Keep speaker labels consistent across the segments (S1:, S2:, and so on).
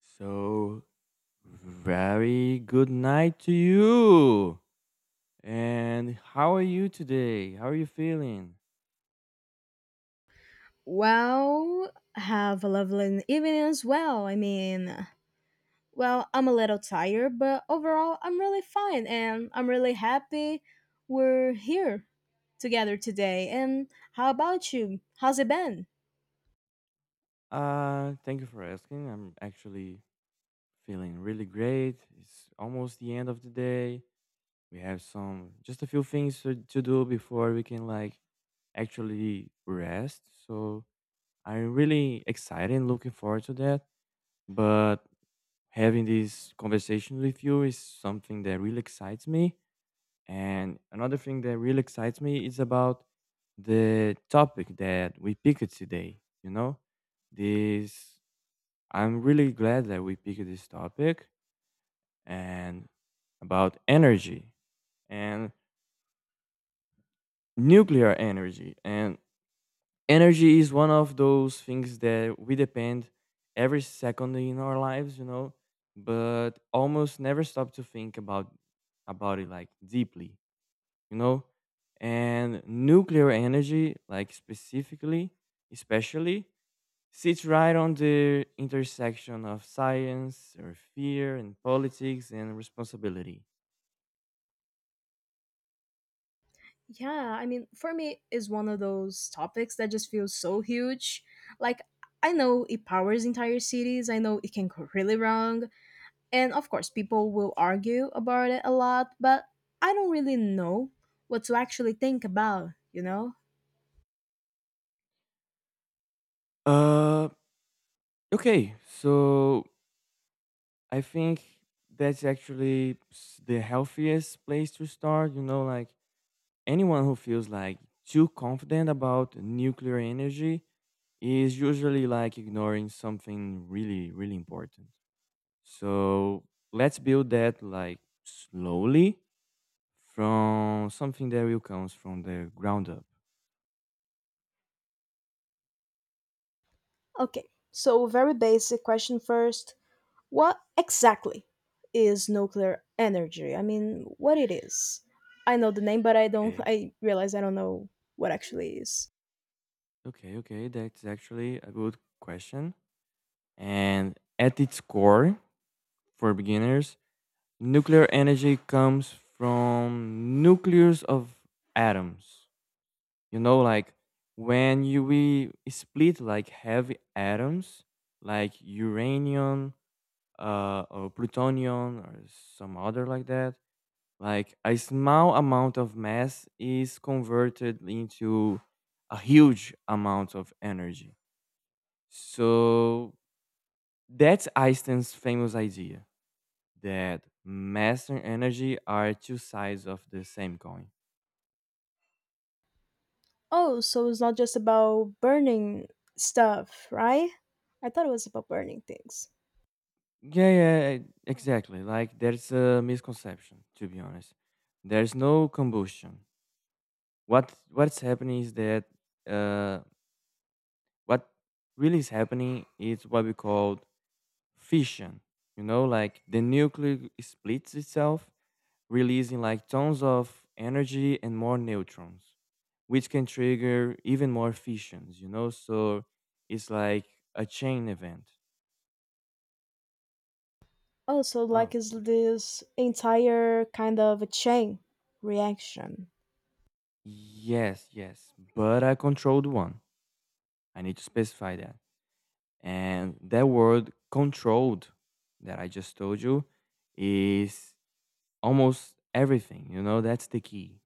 S1: So, very good night to you. And how are you today? How are you feeling?
S2: Well, have a lovely evening as well. I'm a little tired, but overall, I'm really fine and I'm really happy we're here together today. And how about you? How's it been?
S1: Thank you for asking. I'm actually feeling really great. It's almost the end of the day. We have some just a few things to do before we can like actually rest. So, I'm really excited and looking forward to that. But having this conversation with you is something that really excites me. And another thing that really excites me is about the topic that we picked today. You know, this I'm really glad that we picked this topic and about energy and nuclear energy. And energy is one of those things that we depend every second in our lives, but almost never stop to think about it like deeply you know and nuclear energy like specifically especially sits right on the intersection of science or fear and politics and responsibility.
S2: Yeah, for me, is one of those topics that just feels so huge. Like, I know it powers entire cities, I know it can go really wrong, and of course, people will argue about it a lot, but I don't really know what to actually think about, you know?
S1: uh okay, so I think that's actually the healthiest place to start, you know, like anyone who feels like too confident about nuclear energy is usually like ignoring something really really important. So let's build that like slowly from something that will comes from the ground up.
S2: Okay, so very basic question first. What exactly is nuclear energy? I mean, what it is? I know the name, but I don't.
S1: Okay.
S2: I realize I don't know what actually is.
S1: Okay, okay. That's actually a good question. And at its core, for beginners, nuclear energy comes from nucleus of atoms. You know, like when you we split like heavy atoms, like uranium, or plutonium, or some other like that. Like a small amount of mass is converted into a huge amount of energy. So that's Einstein's famous idea that mass and energy are two sides of the same coin.
S2: Oh, so it's not just about burning stuff, right? I thought it was about burning things.
S1: Yeah, yeah, exactly. Like there's a misconception, to be honest. There's no combustion. What's happening is that uh, what really is happening is what we call fission. You know, like the nucleus splits itself, releasing like tons of energy and more neutrons, which can trigger even more fissions, you know? So it's like a chain event.
S2: Oh, so like
S1: Oh,
S2: is
S1: okay.
S2: this entire kind of a chain reaction.
S1: Yes, yes, but I controlled one. I need to specify that. And that word controlled that I just told you is almost everything, you know, that's the key.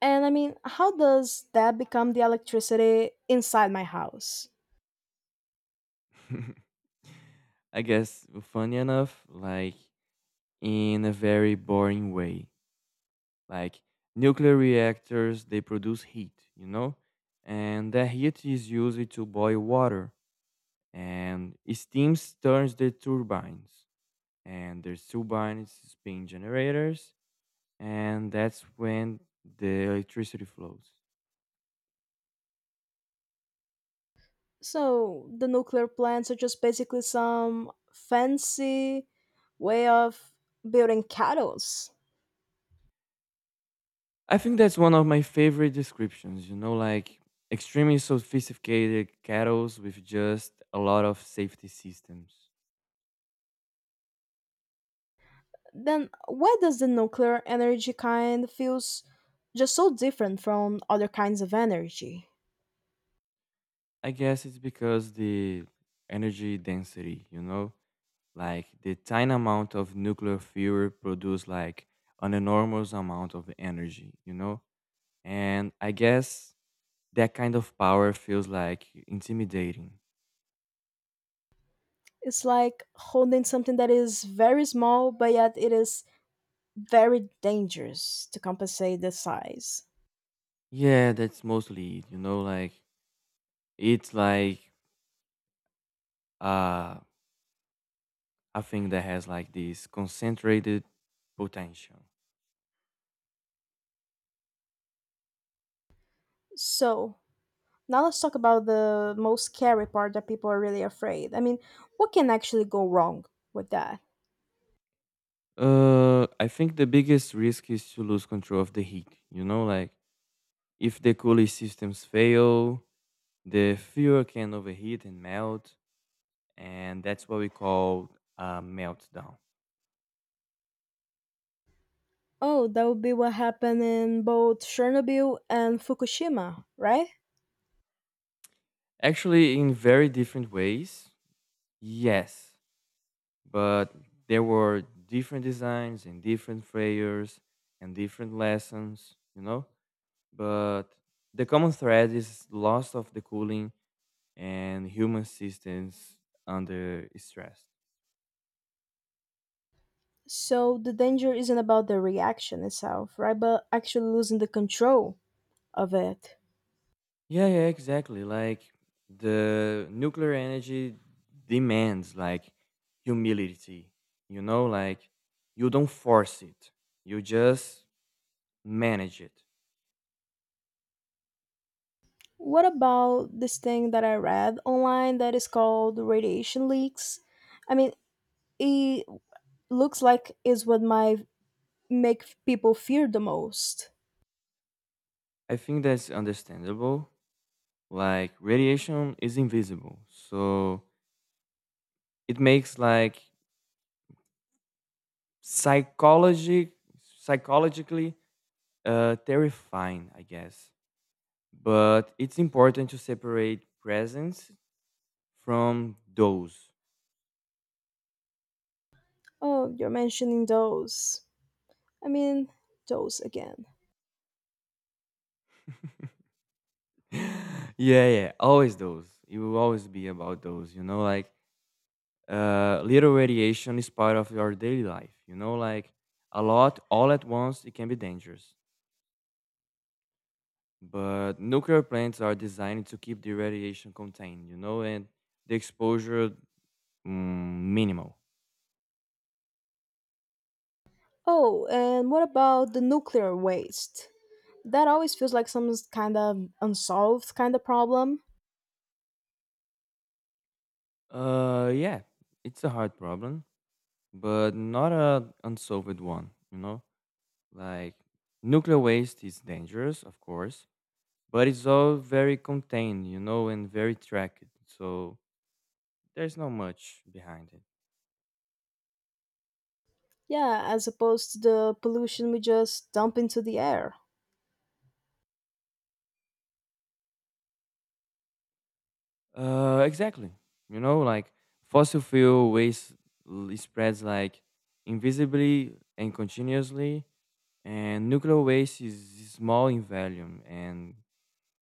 S2: And I mean, how does that become the electricity inside my house?
S1: I guess funny enough, like in a very boring way. Like nuclear reactors, they produce heat, you know? And that heat is used to boil water. And steam turns the turbines. And there's turbines spin generators. And that's when the electricity flows.
S2: So the nuclear plants are just basically some fancy way of building kettles.
S1: I think that's one of my favorite descriptions, you know, like extremely sophisticated cattles with just a lot of safety systems.
S2: Then why does the nuclear energy kind feels just so different from other kinds of energy?
S1: I guess it's because the energy density, you know, like the tiny amount of nuclear fuel produce like an enormous amount of energy, you know? And I guess that kind of power feels like intimidating.
S2: It's like holding something that is very small, but yet it is very dangerous to compensate the size.
S1: Yeah, that's mostly it, you know, like it's like uh I think that has like this concentrated potential.
S2: So, now let's talk about the most scary part that people are really afraid. I mean, what can actually go wrong with that?
S1: I think the biggest risk is to lose control of the heat. You know, like if the cooling systems fail, the fuel can overheat and melt, and that's what we call a meltdown.
S2: Oh, that would be what happened in both Chernobyl and Fukushima, right?
S1: Actually, in very different ways, yes, but there were different designs and different failures and different lessons. You know, but the common thread is loss of the cooling and human systems under stress.
S2: So, the danger isn't about the reaction itself, right? But actually losing the control of it.
S1: Yeah, yeah, exactly. Like the nuclear energy demands like humility. You know, like you don't force it. You just manage it.
S2: What about this thing that I read online that is called radiation leaks? I mean, it looks like is what my people fear the most.
S1: I think that's understandable. Like radiation is invisible. So it makes like psychology psychologically terrifying, I guess. But it's important to separate presents from those.
S2: Oh, you're mentioning those. I mean, those again.
S1: Yeah, yeah, always those. It will always be about those, you know, like little radiation is part of your daily life, you know, like a lot all at once, it can be dangerous. But nuclear plants are designed to keep the radiation contained, you know, and the exposure minimal.
S2: Oh, and what about the nuclear waste? That always feels like kind of unsolved kind of problem.
S1: Yeah, it's a hard problem but not a unsolved one, you know? Like nuclear waste is dangerous, of course, but it's all very contained, you know, and very tracked. So there's not much behind it.
S2: Yeah, as opposed to the pollution we just dump into the air.
S1: Exactly. You know, like fossil fuel waste spreads like invisibly and continuously and nuclear waste is small in volume and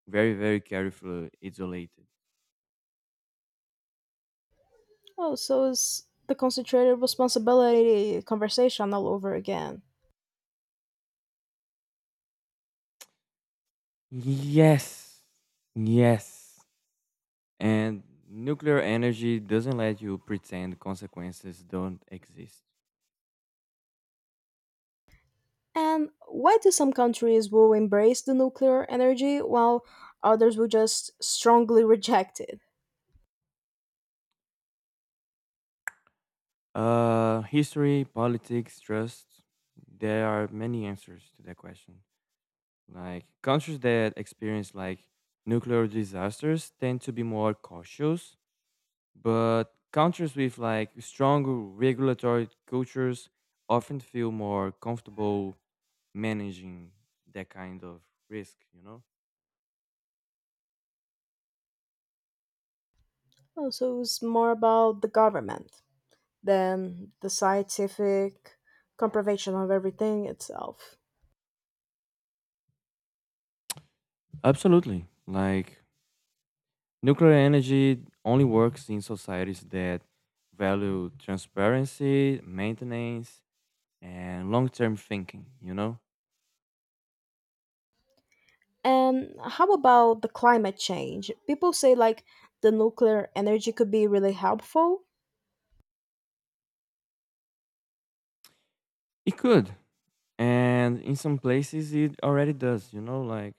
S1: very very carefully isolated.
S2: Oh, so it's the concentrated responsibility conversation all over again.
S1: Yes. Yes. And nuclear energy doesn't let you pretend consequences don't exist.
S2: And why do some countries will embrace the nuclear energy while others will just strongly reject it?
S1: History, politics, trust. There are many answers to that question. Like countries that experience like nuclear disasters tend to be more cautious, but countries with like strong regulatory cultures often feel more comfortable managing that kind of risk, you know?
S2: Oh, so it's more about the government than the scientific comproval of everything itself.
S1: Absolutely. Like nuclear energy only works in societies that value transparency, maintenance, and long term thinking, you know?
S2: And how about the climate change? People say like the nuclear energy could be really helpful.
S1: It could. And in some places, it already does, you know? Like,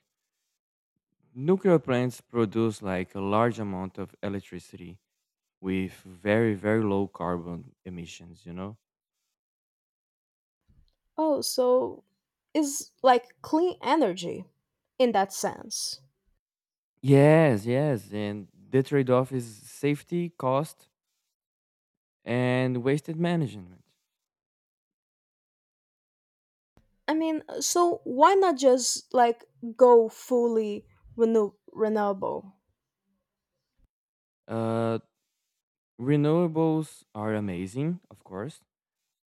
S1: nuclear plants produce like a large amount of electricity with very, very low carbon emissions, you know?
S2: Oh, so is like clean energy in that sense.
S1: Yes, yes. And the trade off is safety, cost, and wasted management.
S2: So why not just like go fully renewable?
S1: Uh, Renewables are amazing, of course,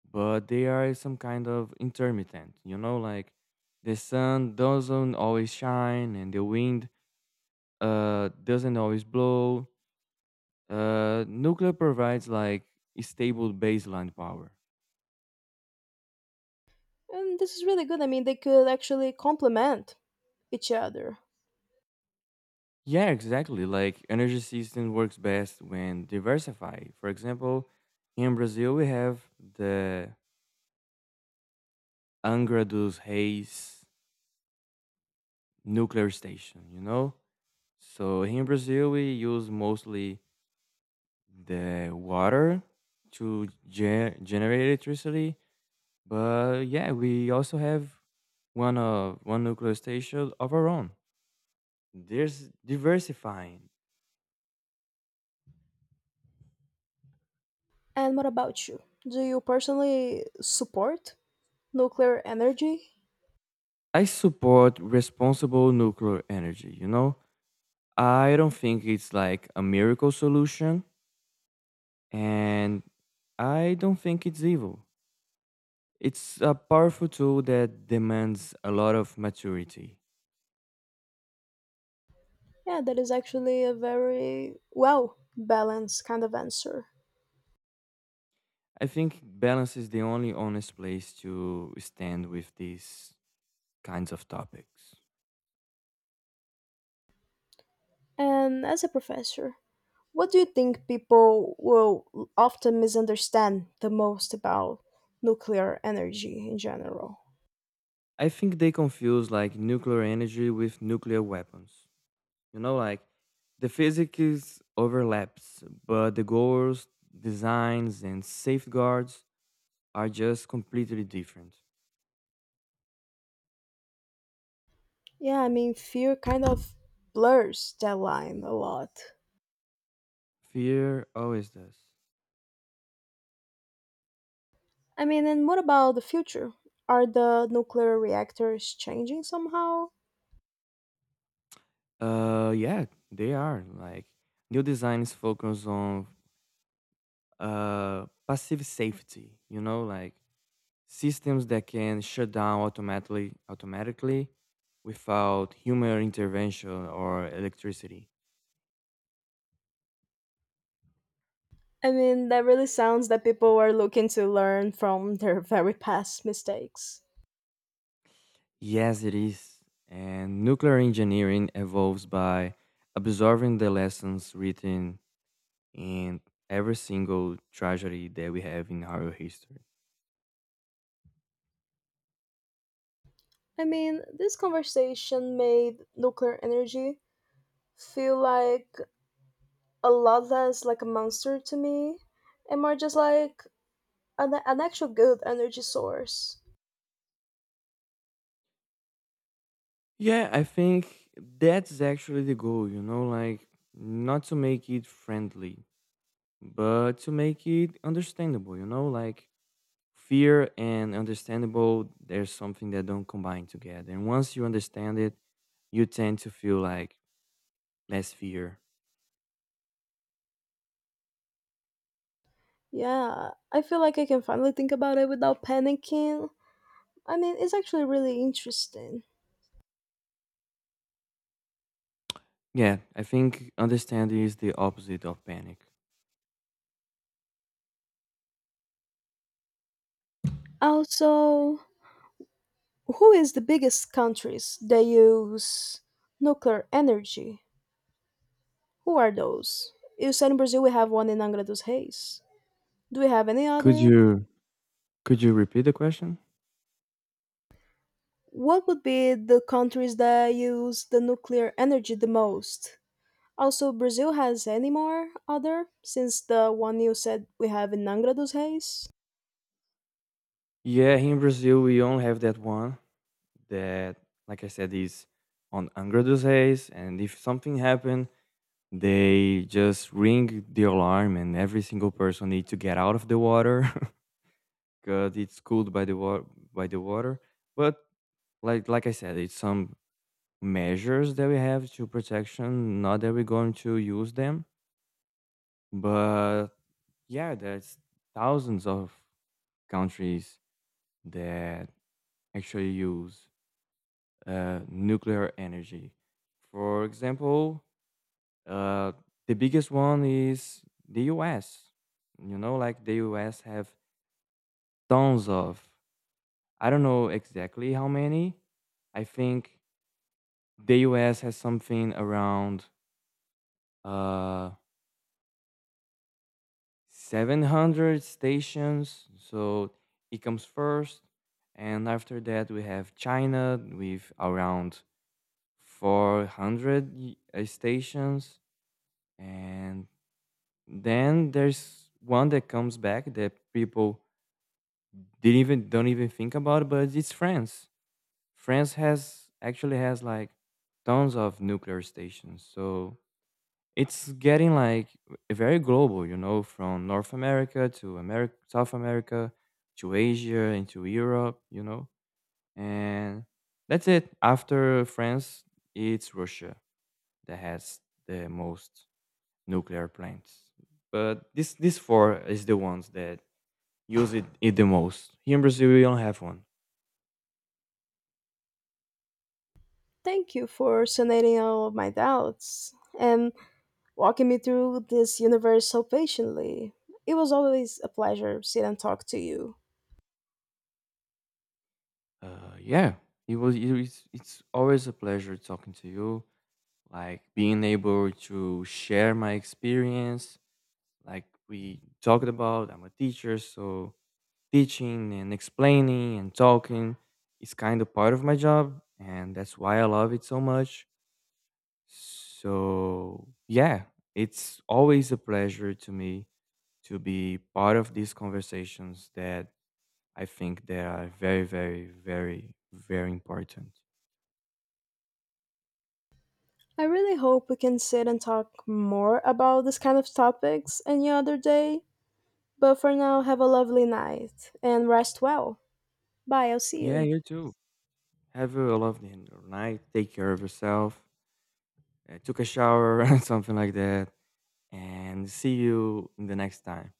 S1: but they are some kind of intermittent. You know, like the sun doesn't always shine and the wind doesn't always blow. Nuclear provides like stable baseline power.
S2: And this is really good. I mean, they could actually complement each other.
S1: Yeah, exactly. Like energy system works best when diversified. For example, in Brazil we have the Angra dos Reis nuclear station. You know, so here in Brazil, we use mostly the water to generate electricity, but yeah, we also have one of one nuclear station of our own. There's diversifying.
S2: And what about you? Do you personally support nuclear energy?
S1: I support responsible nuclear energy. You know, I don't think it's like a miracle solution, and I don't think it's evil. It's a powerful tool that demands a lot of maturity.
S2: Yeah, that is actually a very well balanced kind of answer.
S1: I think balance is the only honest place to stand with these kinds of topics.
S2: And as a professor, what do you think people will often misunderstand the most about nuclear energy in general?
S1: I think they confuse like nuclear energy with nuclear weapons. You know, like the physics overlaps, but the goals, designs, and safeguards are just completely different.
S2: Yeah, I mean, fear kind of blurs that line a lot.
S1: Fear always does.
S2: I mean, and what about the future? Are the nuclear reactors changing somehow?
S1: Yeah, they are like new designs focus on passive safety. You know, like systems that can shut down automatically without human intervention or electricity.
S2: I mean, that really sounds that people were looking to learn from their very past mistakes.
S1: Yes, it is. And nuclear engineering evolves by absorbing the lessons written in every single tragedy that we have in our history.
S2: I mean, this conversation made nuclear energy feel like a lot less like a monster to me and more just like an actual good energy source.
S1: Yeah, I think that's actually the goal, you know, like not to make it friendly, but to make it understandable, you know, like fear and understandable there's something that don't combine together and once you understand it you tend to feel like less fear.
S2: Yeah, I feel like I can finally think about it without panicking. I mean, it's actually really interesting.
S1: Yeah, I think understanding is the opposite of panic.
S2: Also, who is the biggest countries that use nuclear energy? Who are those? You said in Brazil we have one in Angra dos Reis. Do we have any
S1: could
S2: other?
S1: you could you repeat the question?
S2: What would be the countries that use the nuclear energy the most? Also, Brazil has any more other since the one you said we have in Angra dos Reis?
S1: Yeah, here in Brazil we only have that one that, like I said, is on Angra dos Reis, and if something happened they just ring the alarm and every single person need to get out of the water because it's cooled by the water. But like I said, it's some measures that we have to protection, not that we're going to use them. But yeah, there's thousands of countries that actually use nuclear energy. For example, uh, the biggest one is the US, you know, like the US have tons of. I don't know exactly how many. I think the US has something around uh, 700 stations, so it comes first. And after that, we have China with around 400 stations. And then there's one that comes back that people didn't even don't even think about, but it's France. France has actually has like tons of nuclear stations. So it's getting like very global, you know, from North America to America, South America to Asia and to Europe, you know, and that's it. After France, it's Russia that has the most nuclear plants, but this four is the ones that use it the most. Here in Brazil, we don't have one.
S2: Thank you for sanating all of my doubts and walking me through this universe so patiently. It was always a pleasure to sit and talk to you.
S1: Yeah, it was it's always a pleasure talking to you, like being able to share my experience, like we talked about, I'm a teacher, so teaching and explaining and talking is kind of part of my job and that's why I love it so much. So yeah, it's always a pleasure to me to be part of these conversations that I think they are very very very very important.
S2: I really hope we can sit and talk more about this kind of topics any other day. But for now, have a lovely night and rest well. Bye, I'll see
S1: Yeah,
S2: you.
S1: you too. Have a lovely night, take care of yourself. Took a shower and something like that. And see you in the next time.